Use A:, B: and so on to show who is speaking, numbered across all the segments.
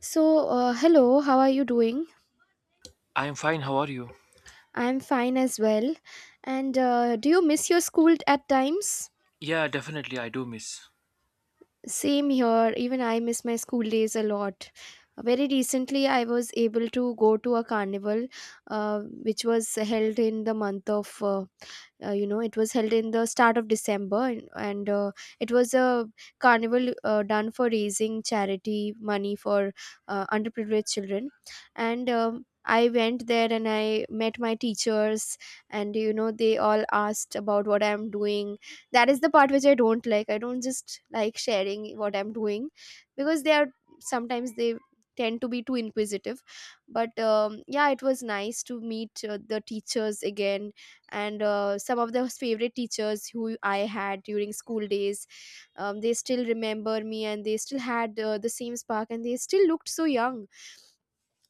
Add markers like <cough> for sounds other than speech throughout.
A: So, hello, how are you doing?
B: I'm fine. How are you?
A: I'm fine as well. And do you miss your school at times?
B: Yeah, definitely. I do miss.
A: Same here, even I miss my school days a lot. Very recently, I was able to go to a carnival which was held in the month of, it was held in the start of December, and it was a carnival done for raising charity money for underprivileged children. And I went there and I met my teachers, and they all asked about what I'm doing. That is the part which I don't like. I don't just like sharing what I'm doing because they are sometimes they tend to be too inquisitive. But yeah, it was nice to meet the teachers again, and some of the favorite teachers who I had during school days. They still remember me, and they still had the same spark, and they still looked so young.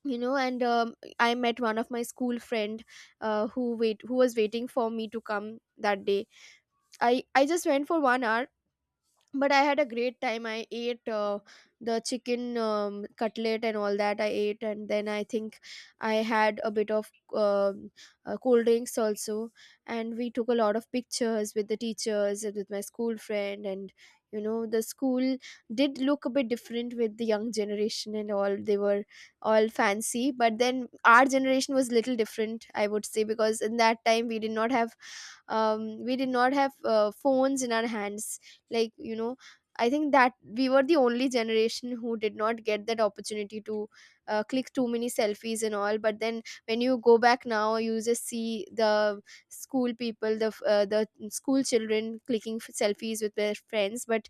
A: And I met one of my school friend who was waiting for me to come that day. I just went for 1 hour, but I had a great time. I ate the chicken cutlet and all that I ate, and then I think I had a bit of cold drinks also. And we took a lot of pictures with the teachers and with my school friend. And the school did look a bit different. With the young generation and all, they were all fancy, but then our generation was little different, I would say, because in that time we did not have we did not have phones in our hands. Like, I think that we were the only generation who did not get that opportunity to click too many selfies and all. But then when you go back now, you just see the school people, the school children clicking selfies with their friends. But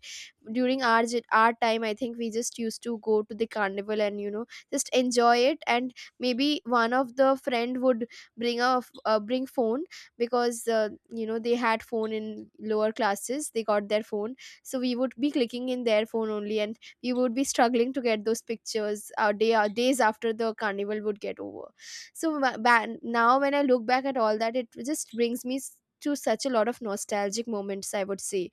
A: during our time, I think we just used to go to the carnival and just enjoy it. And maybe one of the friend would bring phone, because they had phone in lower classes, they got their phone. So we would be clicking in their phone only, and we would be struggling to get those pictures days after the carnival would get over. So now when I look back at all that, it just brings me to such a lot of nostalgic moments, I would say.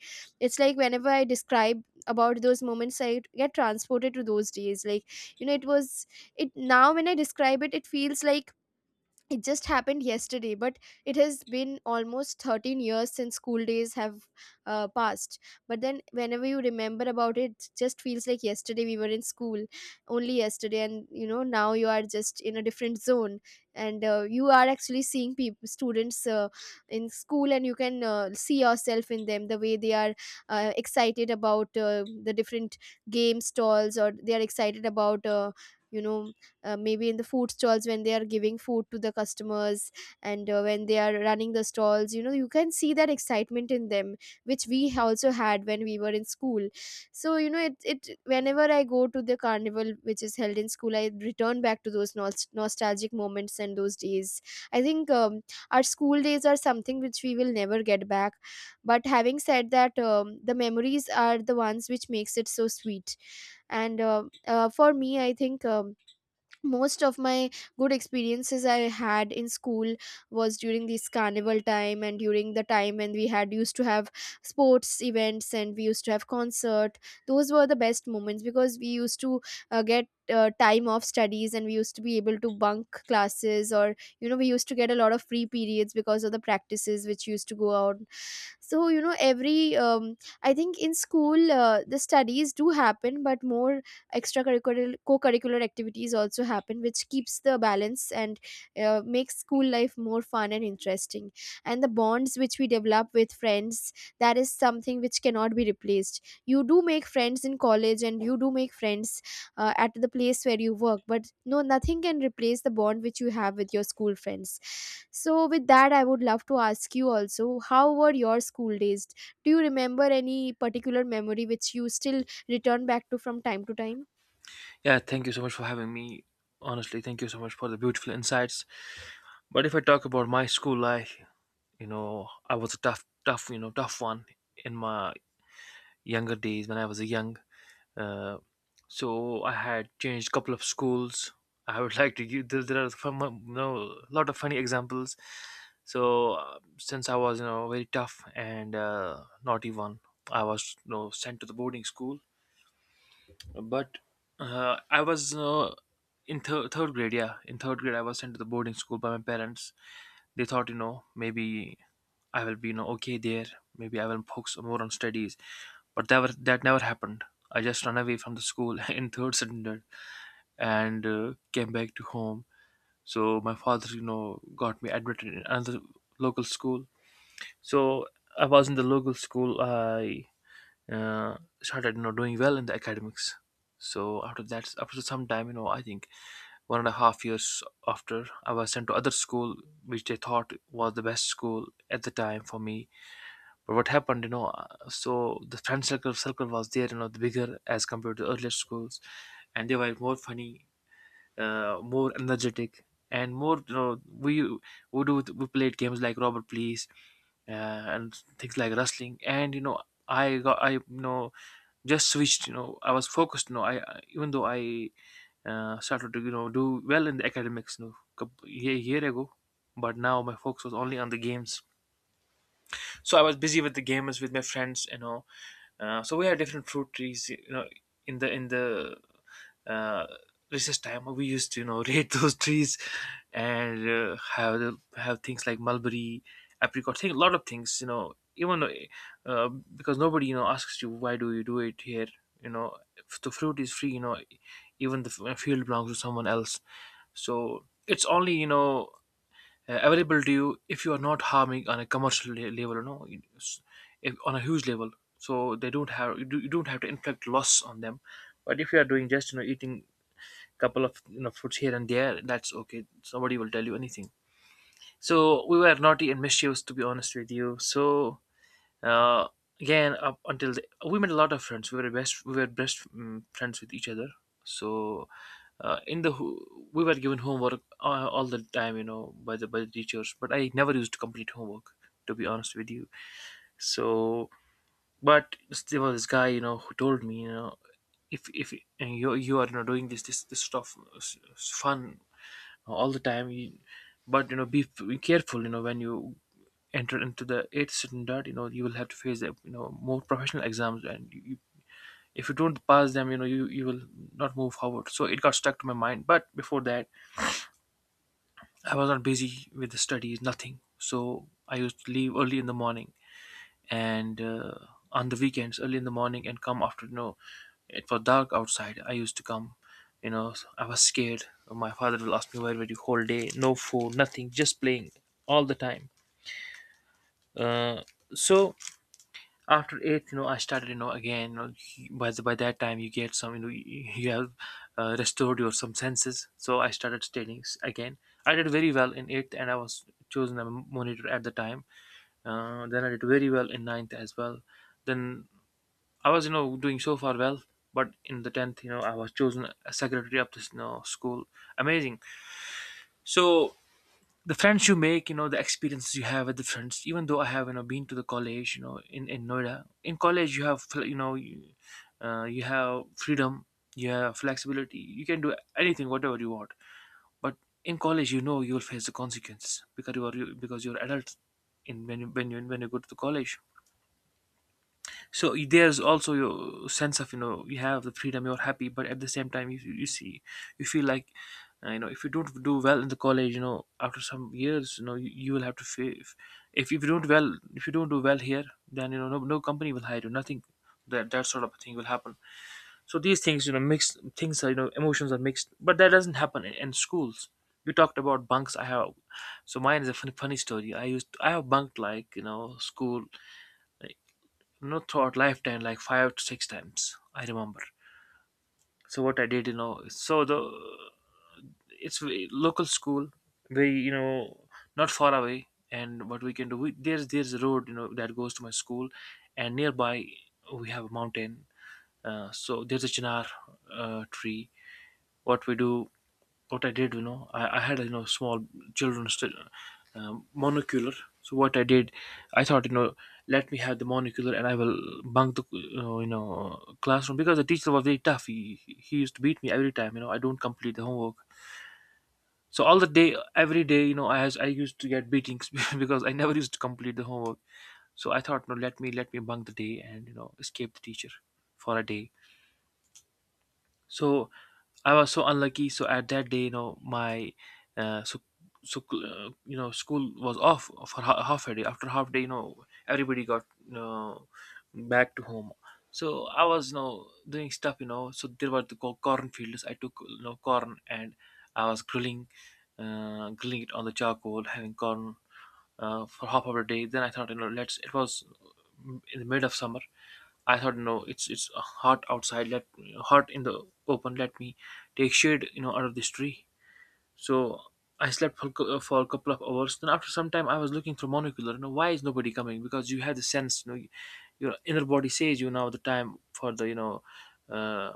A: It's like whenever I describe about those moments, I get transported to those days. Like, you know it was it now when I describe it, it feels like it just happened yesterday. But it has been almost 13 years since school days have passed. But then whenever you remember about it, it just feels like yesterday we were in school, only yesterday. And now you are just in a different zone. And you are actually seeing people, students, in school, and you can see yourself in them, the way they are excited about the different game stalls, or they are excited about you know maybe in the food stalls when they are giving food to the customers. And when they are running the stalls, you can see that excitement in them, which we also had when we were in school. So, you know it, it whenever I go to the carnival which is held in school, I return back to those nostalgic moments and those days. I think our school days are something which we will never get back. But having said that, the memories are the ones which makes it so sweet. And for me, I think most of my good experiences I had in school was during this carnival time, and during the time when we had used to have sports events, and we used to have concert. Those were the best moments because we used to get time off studies, and we used to be able to bunk classes, or we used to get a lot of free periods because of the practices which used to go out. So you know every I think in school, the studies do happen, but more extracurricular co-curricular activities also happen, which keeps the balance and makes school life more fun and interesting. And the bonds which we develop with friends, that is something which cannot be replaced. You do make friends in college, and you do make friends at the place where you work, but no, nothing can replace the bond which you have with your school friends. So, with that, I would love to ask you also, how were your school days? Do you remember any particular memory which you still return back to from time to time?
B: Yeah, thank you so much for having me. Honestly, thank you so much for the beautiful insights. But if I talk about my school life, you know, I was a tough, tough, you know, tough one in my younger days when I was a young. Uh, so I had changed couple of schools. <laughs> I would like to give there are some, you know, lot of funny examples. So since I was you know very tough and naughty one, I was you know sent to the boarding school but I was in third grade. Yeah, in third grade, I was sent to the boarding school by my parents. They thought, you know, maybe I will be, you know, okay there. Maybe I will focus more on studies. That never happened. I just ran away from the school <laughs> in third standard and came back to home. So my father, you know, got me admitted in another local school. So I was in the local school. I uh, started you know doing well in the academics. So after that, after some time, you know, I think 1.5 years after, I was sent to other school which they thought was the best school at the time for me. But what happened, you know, so the friend circle was there, you know, the bigger as compared to earlier schools, and they were more funny, more energetic, and more, you know, we do we played games like robert please, and things like wrestling. And you know, I you know just switched. You know, I was focused, you know, I even though I started to you know do well in the academics, you know, year, year ago, but now my focus was only on the games. So I was busy with the gamers with my friends, you know. So we had different fruit trees, you know, in the uh, recess time. We used to, you know, <laughs> raid those trees, and have have things like mulberry, apricot, thing, a lot of things, you know. Even because nobody, you know, asks you why do you do it here, you know. If the fruit is free, you know, even the field belongs to someone else. So it's only, you know, available to you if you are not harming on a commercial level, you know, it's, if, on a huge level. So they don't have you, do, you don't have to inflict loss on them. But if you are doing just you know eating couple of, you know, fruits here and there, that's okay. Somebody will tell you anything. So we were naughty and mischievous, to be honest with you. So uh, again, up until we made a lot of friends. We were best friends with each other. So in the we were given homework all the time, you know, by the teachers, but I never used to complete homework, to be honest with you. So but there was this guy, you know, who told me, you know, if and you are, you know, doing this stuff fun all the time, you, but you know be careful, you know, when you enter into the eighth standard, you know, you will have to face, you know, more professional exams. And you, if you don't pass them, you know, you will not move forward. So it got stuck to my mind, but before that I was not busy with the studies, nothing. So I used to leave early in the morning and on the weekends, early in the morning, and come after, you know, it was dark outside. I used to come, you know, I was scared. My father will ask me, where were you whole day? No food, nothing, just playing all the time. Uh, so after eighth, you know, I started, you know, again, you know, by by that time you get some, you know, you have restored your some senses. So I started studying again. I did very well in eighth, and I was chosen a monitor at the time. Then I did very well in ninth as well. Then I was, you know, doing so far well, but in the 10th, you know, I was chosen a secretary of this, you know, school. Amazing. So the friends you make, you know, the experiences you have with the friends. Even though I have, you know, been to the college, you know, in Noida. In college, you have, you know, you, you have freedom, you have flexibility. You can do anything, whatever you want. But in college, you know, you will face the consequences because because you're adult. In when you go to the college, there's also your sense of, you know, you have the freedom, you're happy, but at the same time, you see, you feel like, you know, if you don't do well in the college, you know, after some years, you know, you will have to if you don't well, if you don't do well here, then you know no company will hire you, nothing. That sort of thing will happen. So these things, you know, mixed things are, you know, emotions are mixed, but that doesn't happen in schools. You talked about bunks. I have, so mine is a funny, funny story. I used I have bunked like, you know, school, not throughout lifetime, like five to six times I remember. So what I did, you know, so the, it's a local school, very, you know, not far away. And what we can do, we, there's a road, you know, that goes to my school. And nearby we have a mountain. So there's a chinar tree. What we do, what I did, you know, I had, you know, small children's monocular. So what I did, I thought, you know, let me have the monocular and I will bunk the, you know, classroom because the teacher was very tough. He used to beat me every time. You know, I don't complete the homework. So all the day, every day, you know, I used to get beatings <laughs> because I never used to complete the homework. So I thought, no, let me bunk the day and, you know, escape the teacher for a day. So I was so unlucky. So at that day, you know, my uh, so you know, school was off for half a day. After half day, you know, everybody got, you know, back to home. So I was, you know, doing stuff, you know. So there were the corn fields. I took, you know, corn, and I was grilling, grilling it on the charcoal, having corn for half of a day. Then I thought, you know, let's, it was in the mid of summer. I thought, no, it's hot outside. Let hot in the open. Let me take shade, you know, under this tree. So I slept for, for a couple of hours. Then after some time, I was looking through monocular. You know, why is nobody coming? Because you have the sense, you know, your inner body says you now the time for the, you know, uh,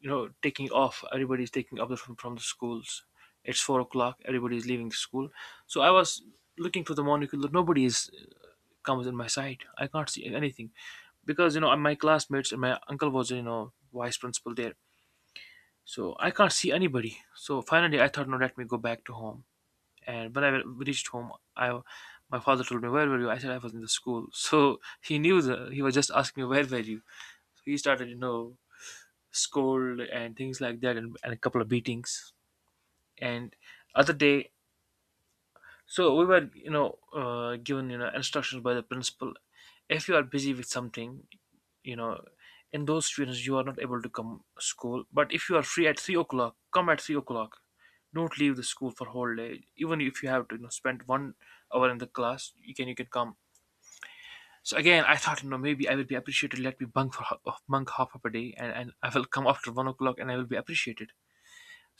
B: you know, taking off, everybody's taking off from the schools. It's 4 o'clock, everybody's leaving school. So I was looking for the monocular. Nobody is comes in my sight. I can't see anything because, you know, my classmates and my uncle was, you know, vice principal there. So I can't see anybody. So finally I thought, no, let me go back to home. And when I reached home, I, my father told me, where were you? I said I was in the school. <laughs> So he knew the. He was just asking me where were you. So he started, scold and things like that, and a couple of beatings. And other day, so we were given, instructions by the principal. If you are busy with something, you know in those students you are not able to come school, but if you are free at 3 o'clock, come at 3 o'clock. Don't leave the school for whole day, even if you have to spend 1 hour in the class, you can come. So again I thought, maybe I will be appreciated. Let me bunk for bunk half of a day, and I will come after 1 o'clock and I will be appreciated.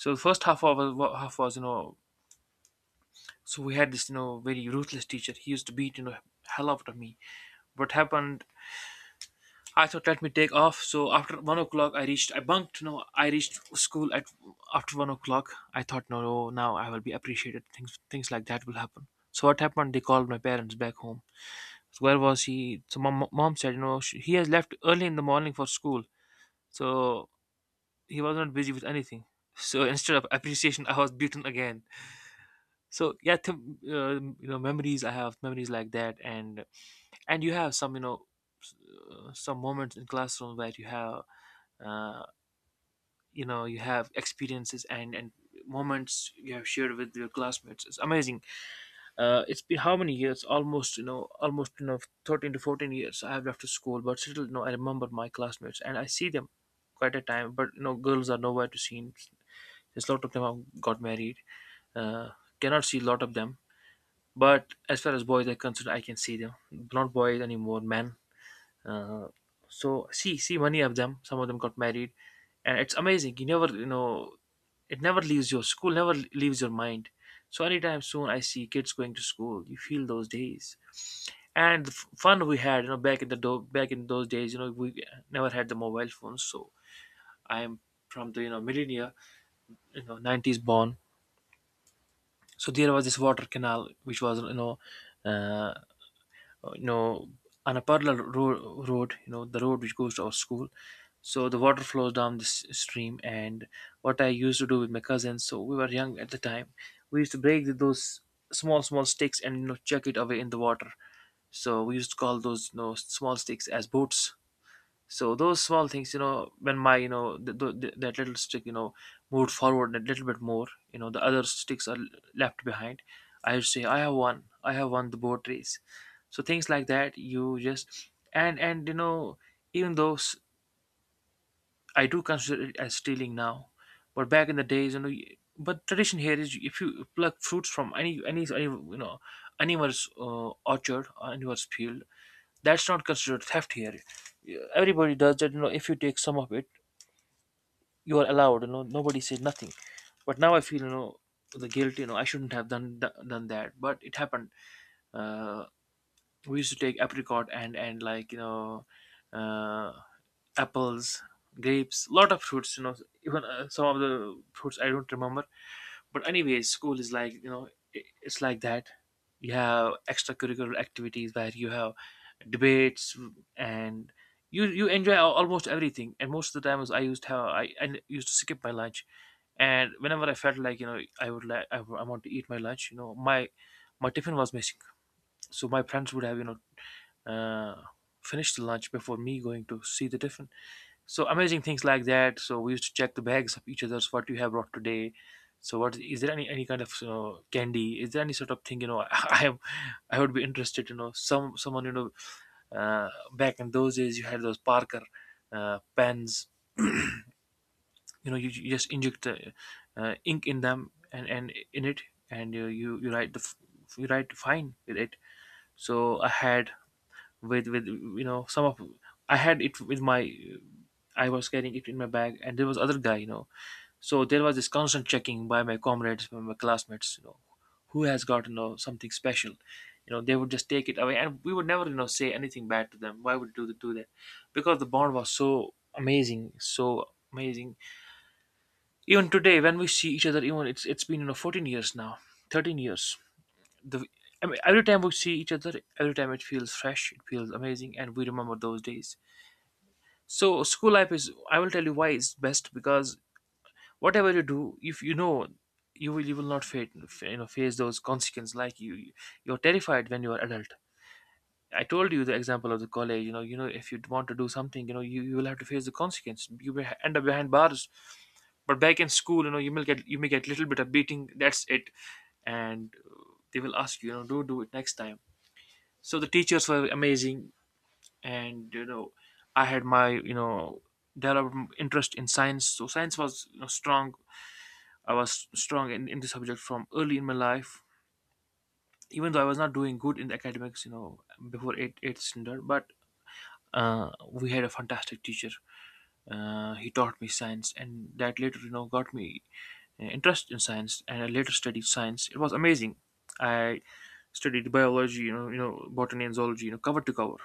B: So the first half hour half was so we had this very ruthless teacher. He used to beat hell out of me. What happened? I thought let me take off. So after 1 o'clock, I reached. I bunked. I reached school at after 1 o'clock. I thought no, no, now I will be appreciated. Things like that will happen. So what happened? They called my parents back home. So where was he? So mom said, he has left early in the morning for school. So he was not busy with anything. So <laughs> instead of appreciation, I was beaten again. So yeah, memories, I have memories like that. And you have some s- some moments in classroom where you have, uh, you have experiences, and moments you have shared with your classmates. It's amazing. It's been how many years? Almost, almost, 13 to 14 years I have left to school, but still, I remember my classmates and I see them quite a time. But you know, girls are nowhere to see. There's a lot of them have got married. uh, Cannot see a lot of them. But as far as boys are concerned, I can see them. Not boys anymore, men. Uh, so see many of them. Some of them got married, and it's amazing. You never, it never leaves your school. Never leaves your mind. So anytime soon, I see kids going to school, you feel those days and the fun we had. You know, back in the back in those days, you know, we never had the mobile phones. So I am from the, millennia, you know, nineties born. So there was this water canal which was you know. Uh, uh, you know, on a parallel road, you know, the road which goes to our school. So the water flows down this stream. And what I used to do with my cousins, so we were young at the time. We used to break those small, small sticks and, you know, chuck it away in the water. So we used to call those, you know, small sticks as boats. So those small things, you know, when my, you know, that little stick, you know, moved forward a little bit more, you know, the other sticks are left behind, I would say, I have won the boat race. So things like that, you just and you know, even though I do consider it as stealing now, but back in the days, you know, but tradition here is if you pluck fruits from any you know anyone's orchard or anyone's field, that's not considered theft here. Yeah, everybody does that. You know, if you take some of it, you are allowed. You know, nobody says nothing. But now I feel, you know, the guilt. You know, I shouldn't have done that, but it happened. uh, we used to take apricot and like, you know, uh, apples, grapes, lot of fruits, you know. Even, some of the fruits I don't remember. But anyway, school is like, you know, it's like that. You have extracurricular activities where you have debates and you enjoy almost everything. And most of the times I used to have, I used to skip my lunch. And whenever I felt like, you know, I would like, I want to eat my lunch, you know, my tiffin was missing. So my friends would have, uh, finished the lunch before me going to see the tiffin. So amazing things like that. So we used to check the bags of each other's what you have brought today. So what is there? Any kind of, you know, candy? Is there any sort of thing, you know? <laughs> I am, I would be interested. You know, someone, uh, back in those days you had those Parker pens. You know, you just inject ink in them and in it, and you write the you write fine with it. So I had with, you know, some of, I had it with my, I was carrying it in my bag. And there was other guy, you know, so there was this constant checking by my comrades, by my classmates, you know, who has got, you know, something special. You know, they would just take it away, and we would never, you know, say anything bad to them. Why would do that? Because the bond was so amazing, so amazing. Even today, when we see each other, even it's been, you know, 14 years now, 13 years. The, I mean, every time we see each other, every time it feels fresh, it feels amazing, and we remember those days. So school life is, I will tell you why it's best, because whatever you do, if you know, you will not face, you know, face those consequences like you, you're terrified when you're adult. I told you the example of the college, you know, you know, if you want to do something, you know, you will have to face the consequence, you will end up behind bars. But back in school, you know, you may get little bit of beating, that's it. And they will ask you, you know, do it next time. So the teachers were amazing. And you know, I had my, you know, developed interest in science. So science was, you know, strong. I was strong in the subject from early in my life. Even though I was not doing good in the academics, you know, before eighth standard. But we had a fantastic teacher. He taught me science, and that later, you know, got me interest in science, and I later studied science. It was amazing. I studied biology, you know, botany and zoology, you know, cover to cover.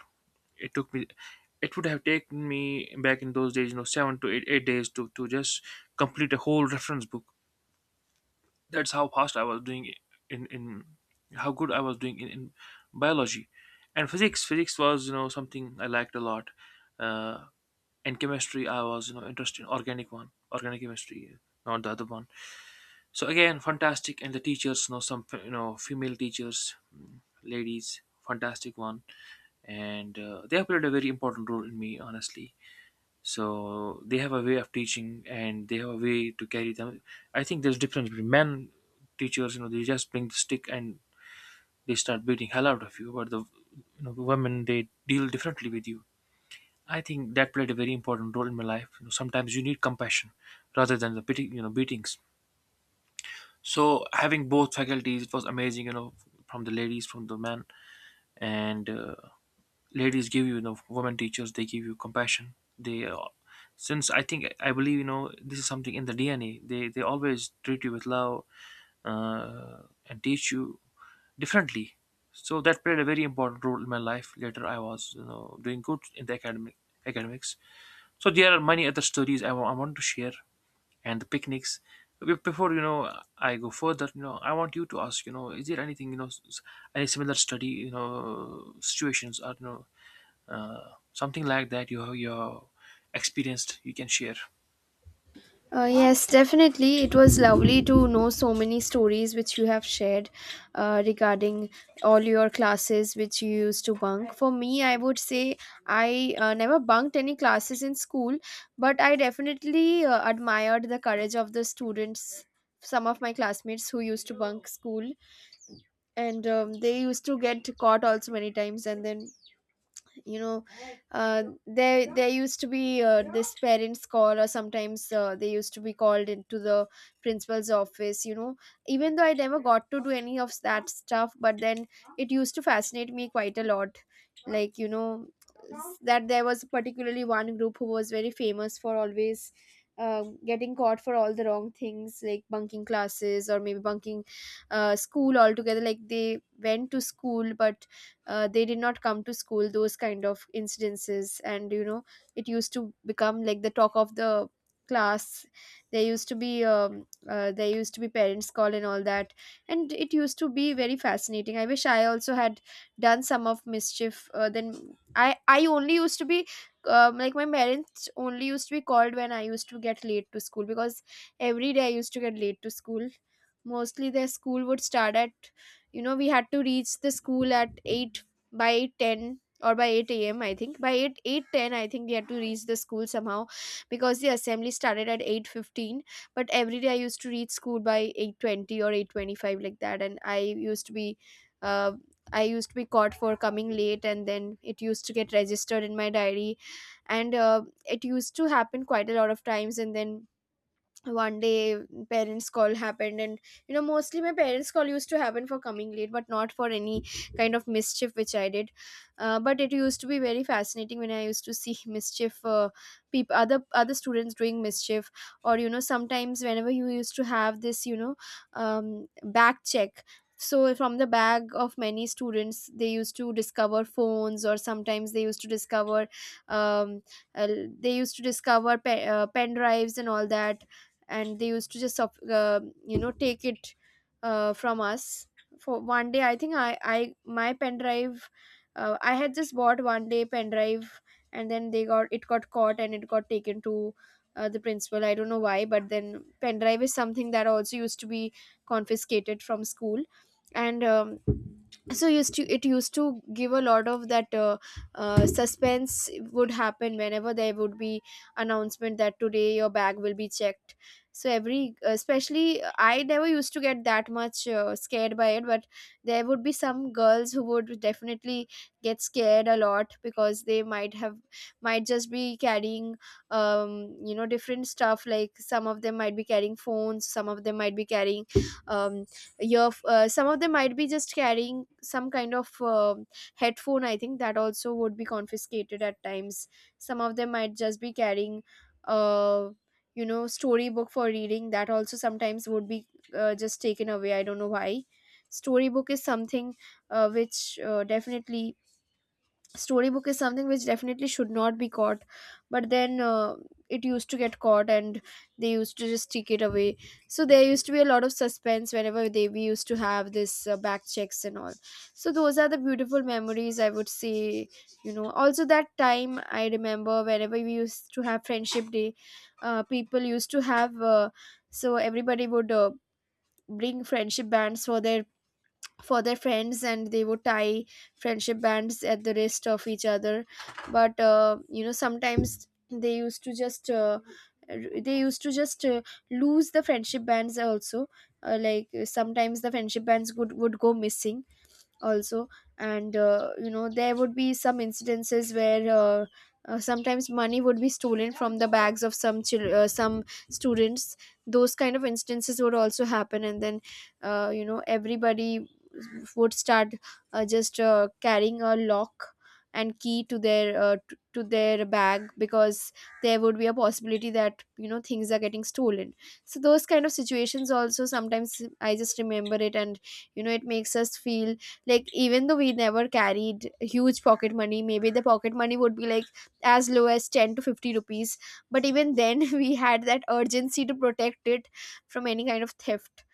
B: It took me. It would have taken me back in those days, you know, 7 to 8, 8 days to just complete a whole reference book. That's how fast I was doing, in how good I was doing in biology. And physics, was, you know, something I liked a lot. uh, and chemistry, I was, you know, interested in organic chemistry, not the other one. So again fantastic. And the teachers, you know, some, you know, female teachers, mm, ladies, fantastic one. And they have played a very important role in me, honestly. So they have a way of teaching and they have a way to carry them. I think there's difference between men teachers, you know, they just bring the stick and they start beating hell out of you. But the, you know, the women, they deal differently with you. I think that played a very important role in my life. You know, sometimes you need compassion rather than the pity, you know, beatings. So having both faculties, it was amazing, you know, from the ladies, from the men. And ladies give you, you know, women teachers, they give you compassion, they since I think I believe, you know, this is something in the DNA, they always treat you with love uh, and teach you differently. So that played a very important role in my life. Later I was, you know, doing good in the academics. So there are many other stories I want to share, and the picnics. Before, you know, I go further, you know, I want you to ask, you know, is there anything, you know, any similar study, you know, situations, or you know, something like that you have you experienced, you can share.
A: Yes, definitely. It was lovely to know so many stories which you have shared regarding all your classes which you used to bunk. For me, I would say I never bunked any classes in school, but I definitely admired the courage of the students, some of my classmates who used to bunk school. And they used to get caught also many times. And then, you know there used to be this parents call, or sometimes they used to be called into the principal's office. Even though I never got to do any of that stuff, but then it used to fascinate me quite a lot. Like, that there was particularly one group who was very famous for always getting caught for all the wrong things, like bunking classes, or maybe bunking school altogether. Like, they went to school but they did not come to school, those kind of incidences. And it used to become like the talk of the class. There used to be there used to be parents call and all that, and it used to be very fascinating. I wish I also had done some of mischief. Then I only used to be, like, my parents only used to be called when I used to get late to school, because every day I used to get late to school. Mostly, their school would start at, we had to reach the school at 8, by 8:10 or by 8 a.m. I think by 8, 8:10, I think we had to reach the school somehow, because the assembly started at 8:15. But every day I used to reach school by 8:20 or 8:25, like that. And used to be uh, I used to be caught for coming late, and then it used to get registered in my diary. And it used to happen quite a lot of times. And then one day, parents call happened. And mostly my parents call used to happen for coming late, but not for any kind of mischief which I did. But it used to be very fascinating when I used to see <laughs> mischief, people, other students doing mischief. Or sometimes whenever you used to have this, back check. So from the bag of many students, they used to discover phones, or sometimes um, uh, they used to discover pen drives and all that. And they used to just take it from us. For one day, I think, I my pen drive, I had just bought one day pen drive. And then they got it got caught, and it got taken to the principal. I don't know why, but then pen drive is something that also used to be confiscated from school. And so used to it used to give a lot of that suspense would happen whenever there would be announcement that today your bag will be checked. So every especially, I never used to get that much scared by it. But there would be some girls who would definitely get scared a lot, because they might have might just be carrying, different stuff. Like, some of them might be carrying phones, some of them might be carrying um your some of them might be just carrying some kind of headphone, I think that also would be confiscated at times. Some of them might just be carrying, uh storybook for reading, that also sometimes would be just taken away. I don't know why. Storybook is something, which definitely storybook is something which definitely should not be Caught. But then it used to get caught, and they used to just take it away. So there used to be a lot of suspense whenever they we used to have this back checks and all. So those are the beautiful memories, I would say. You know, also that time, I remember whenever we used to have friendship day. People used to have so everybody would bring friendship bands for their, for their friends, and they would tie friendship bands at the wrist of each other. But you know, sometimes they used to just they used to just lose the friendship bands also. Like, sometimes the friendship bands would go missing also. And you know, there would be some incidences where sometimes money would be stolen from the bags of some some students. Those kind of instances would also happen, and then you know, everybody would start just carrying a lock and key to their to their bag, because there would be a possibility that, you know, things are getting stolen. So those kind of situations also, sometimes I just remember it, and you know, it makes us feel like, even though we never carried huge pocket money, maybe the pocket money would be like as low as 10 to 50 rupees, but even then <laughs> we had that urgency to protect it from any kind of theft.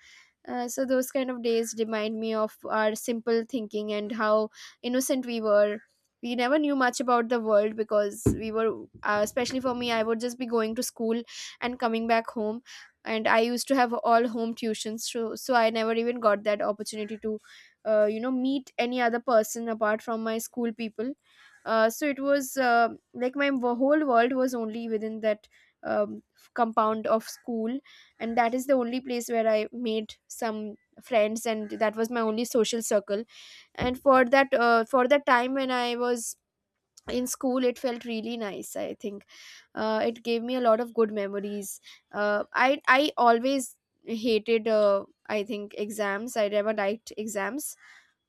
A: So those kind of days remind me of our simple thinking and how innocent we were. We never knew much about the world because we were, especially for me, I would just be going to school and coming back home. And I used to have all home tuitions, so I never even got that opportunity to, you know, meet any other person apart from my school people. So it was like my whole world was only within that um, compound of school, and that is the only place where I made some friends, and that was my only social circle. And for that, for that time when I was in school, it felt really nice, I think. It gave me a lot of good memories. Uh, i i always hated, I think, exams. I never liked exams.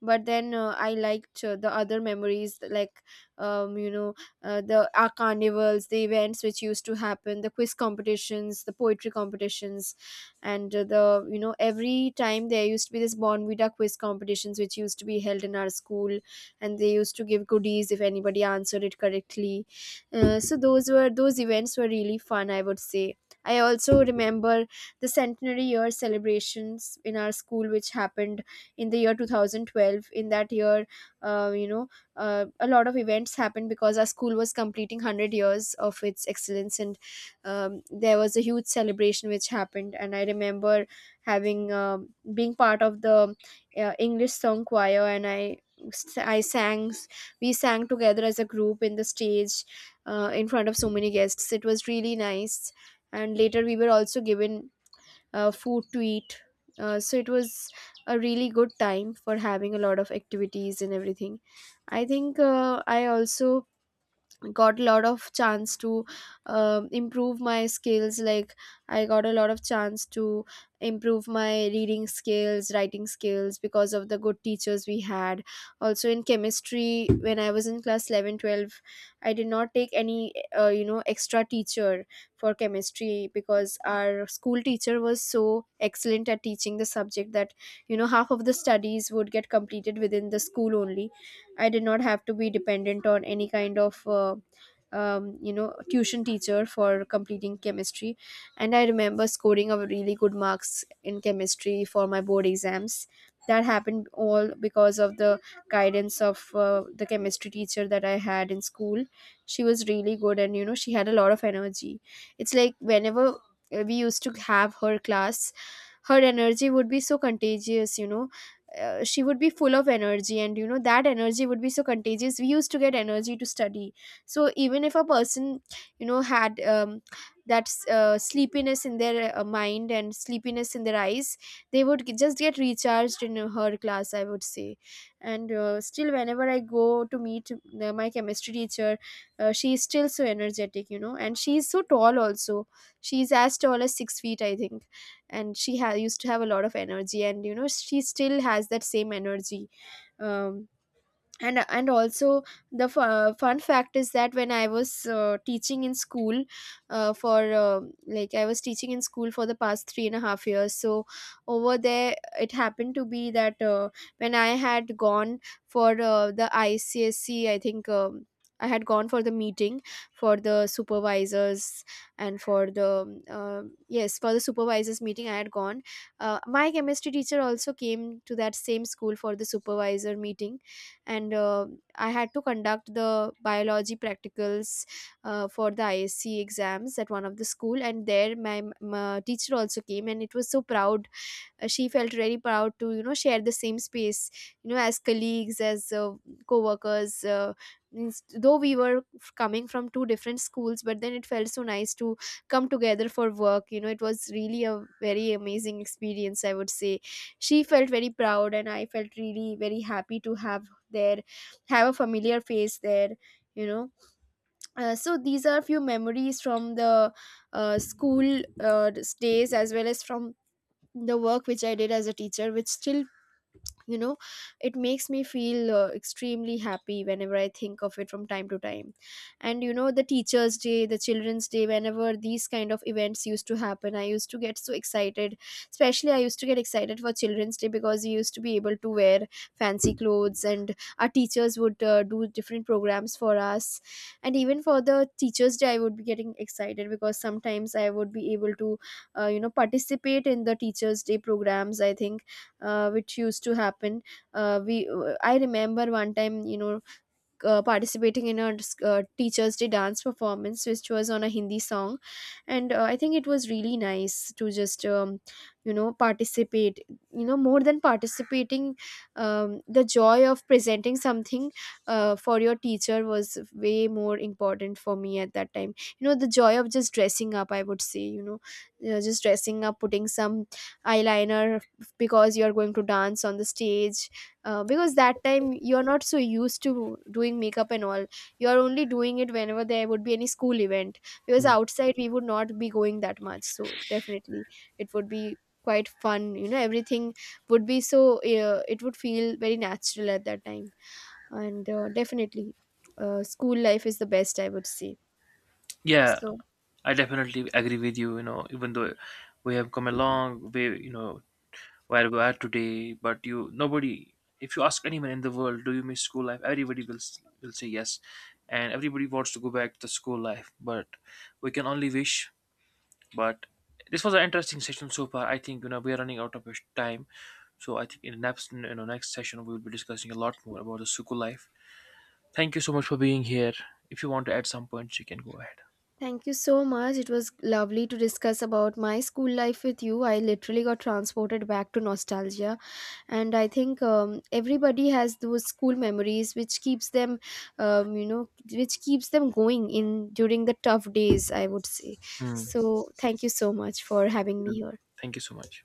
A: But then I liked the other memories, like you know, the our carnivals, the events which used to happen, the quiz competitions, the poetry competitions. And the, you know, every time there used to be this bonvita quiz competitions which used to be held in our school, and they used to give goodies if anybody answered it correctly. So those events were really fun, I would say. I also remember the centenary year celebrations in our school, which happened in the year 2012. In that year, you know, a lot of events happened because our school was completing 100 years of its excellence. And there was a huge celebration which happened, and I remember having being part of the english song choir, and I sang. We sang together as a group in the stage, in front of so many guests. It was really nice. And later we were also given food to eat. So it was a really good time for having a lot of activities and everything. I think I also got a lot of chance to improve my skills. Like, I got a lot of chance to improve my reading skills, writing skills, because of the good teachers we had. Also in chemistry, when I was in class 11, 12, I did not take any you know, extra teacher for chemistry, because our school teacher was so excellent at teaching the subject that, you know, half of the studies would get completed within the school only. I did not have to be dependent on any kind of you know, tuition teacher for completing chemistry. And I remember scoring a really good marks in chemistry for my board exams. That happened all because of the guidance of the chemistry teacher that I had in school. She was really good, and you know, she had a lot of energy. It's like, whenever we used to have her class, her energy would be so contagious, you know. She would be full of energy, and you know, that energy would be so contagious, we used to get energy to study. So even if a person, you know, had that sleepiness in their mind and sleepiness in their eyes, they would just get recharged in her class, I would say. And still, whenever I go to meet my chemistry teacher, she is still so energetic, you know, and she is so tall also. She is as tall as 6 feet, I think. And she used to have a lot of energy, and you know, she still has that same energy. um, and also, the fun fact is that when I was teaching in school, for like, I was teaching in school for the past three and a half years. So over there, it happened to be that when I had gone for the ICSC, I think. I had gone for the meeting for the supervisors, and for the uh, yes, for the supervisors meeting, I had gone. My chemistry teacher also came to that same school for the supervisor meeting. And I had to conduct the biology practicals for the ISC exams at one of the school, and there my teacher also came, and it was so proud. She felt very proud to, you know, share the same space, you know, as colleagues, as co-workers. Though we were coming from two different schools, but then it felt so nice to come together for work, you know. It was really a very amazing experience, I would say. She felt very proud, and I felt really very happy to have there have a familiar face there, you know. So these are few memories from the school days, as well as from the work which I did as a teacher, which still, you know, it makes me feel extremely happy whenever I think of it from time to time. And you know, the teachers day, the children's day, whenever these kind of events used to happen, I used to get so excited. Especially I used to get excited for children's day, because we used to be able to wear fancy clothes, and our teachers would do different programs for us. And even for the teachers day, I would be getting excited because sometimes I would be able to you know, participate in the teachers day programs, I think, which used to happen. We I remember one time, you know, participating in a teacher's day dance performance which was on a hindi song. And I think it was really nice to just you know, participate. You know, more than participating, the joy of presenting something for your teacher was way more important for me at that time, you know. The joy of just dressing up, I would say, you know, just dressing up, putting some eyeliner, because you're going to dance on the stage. Because that time you're not so used to doing makeup and all, you're only doing it whenever there would be any school event, because
B: Mm.
A: outside we would not be going that much. So definitely it would be quite fun, you know. Everything would be so it would feel very natural at that time. And definitely, school life is the best, I would say.
B: Yeah,
A: So
B: I definitely agree with you. You know, even though we have come a long way, you know, where we are today. But you, nobody, if you ask anyone in the world, do you miss school life? Everybody will will say yes, and everybody wants to go back to the school life. But we can only wish. But this was an interesting session so far. I think, you know, we are running out of time. So I think in next, you know, next session we will be discussing a lot more about the school life. Thank you so much for being here. If you want to add some points, you can go ahead.
A: thank you so much. It was lovely to discuss about my school life with you. I literally got transported back to nostalgia. And I think everybody has those school memories which keeps them, you know, which keeps them going in during the tough days, I would say.
B: Hmm.
A: So thank you so much for
B: Thank
A: having me
B: you.
A: here.
B: Thank you so much.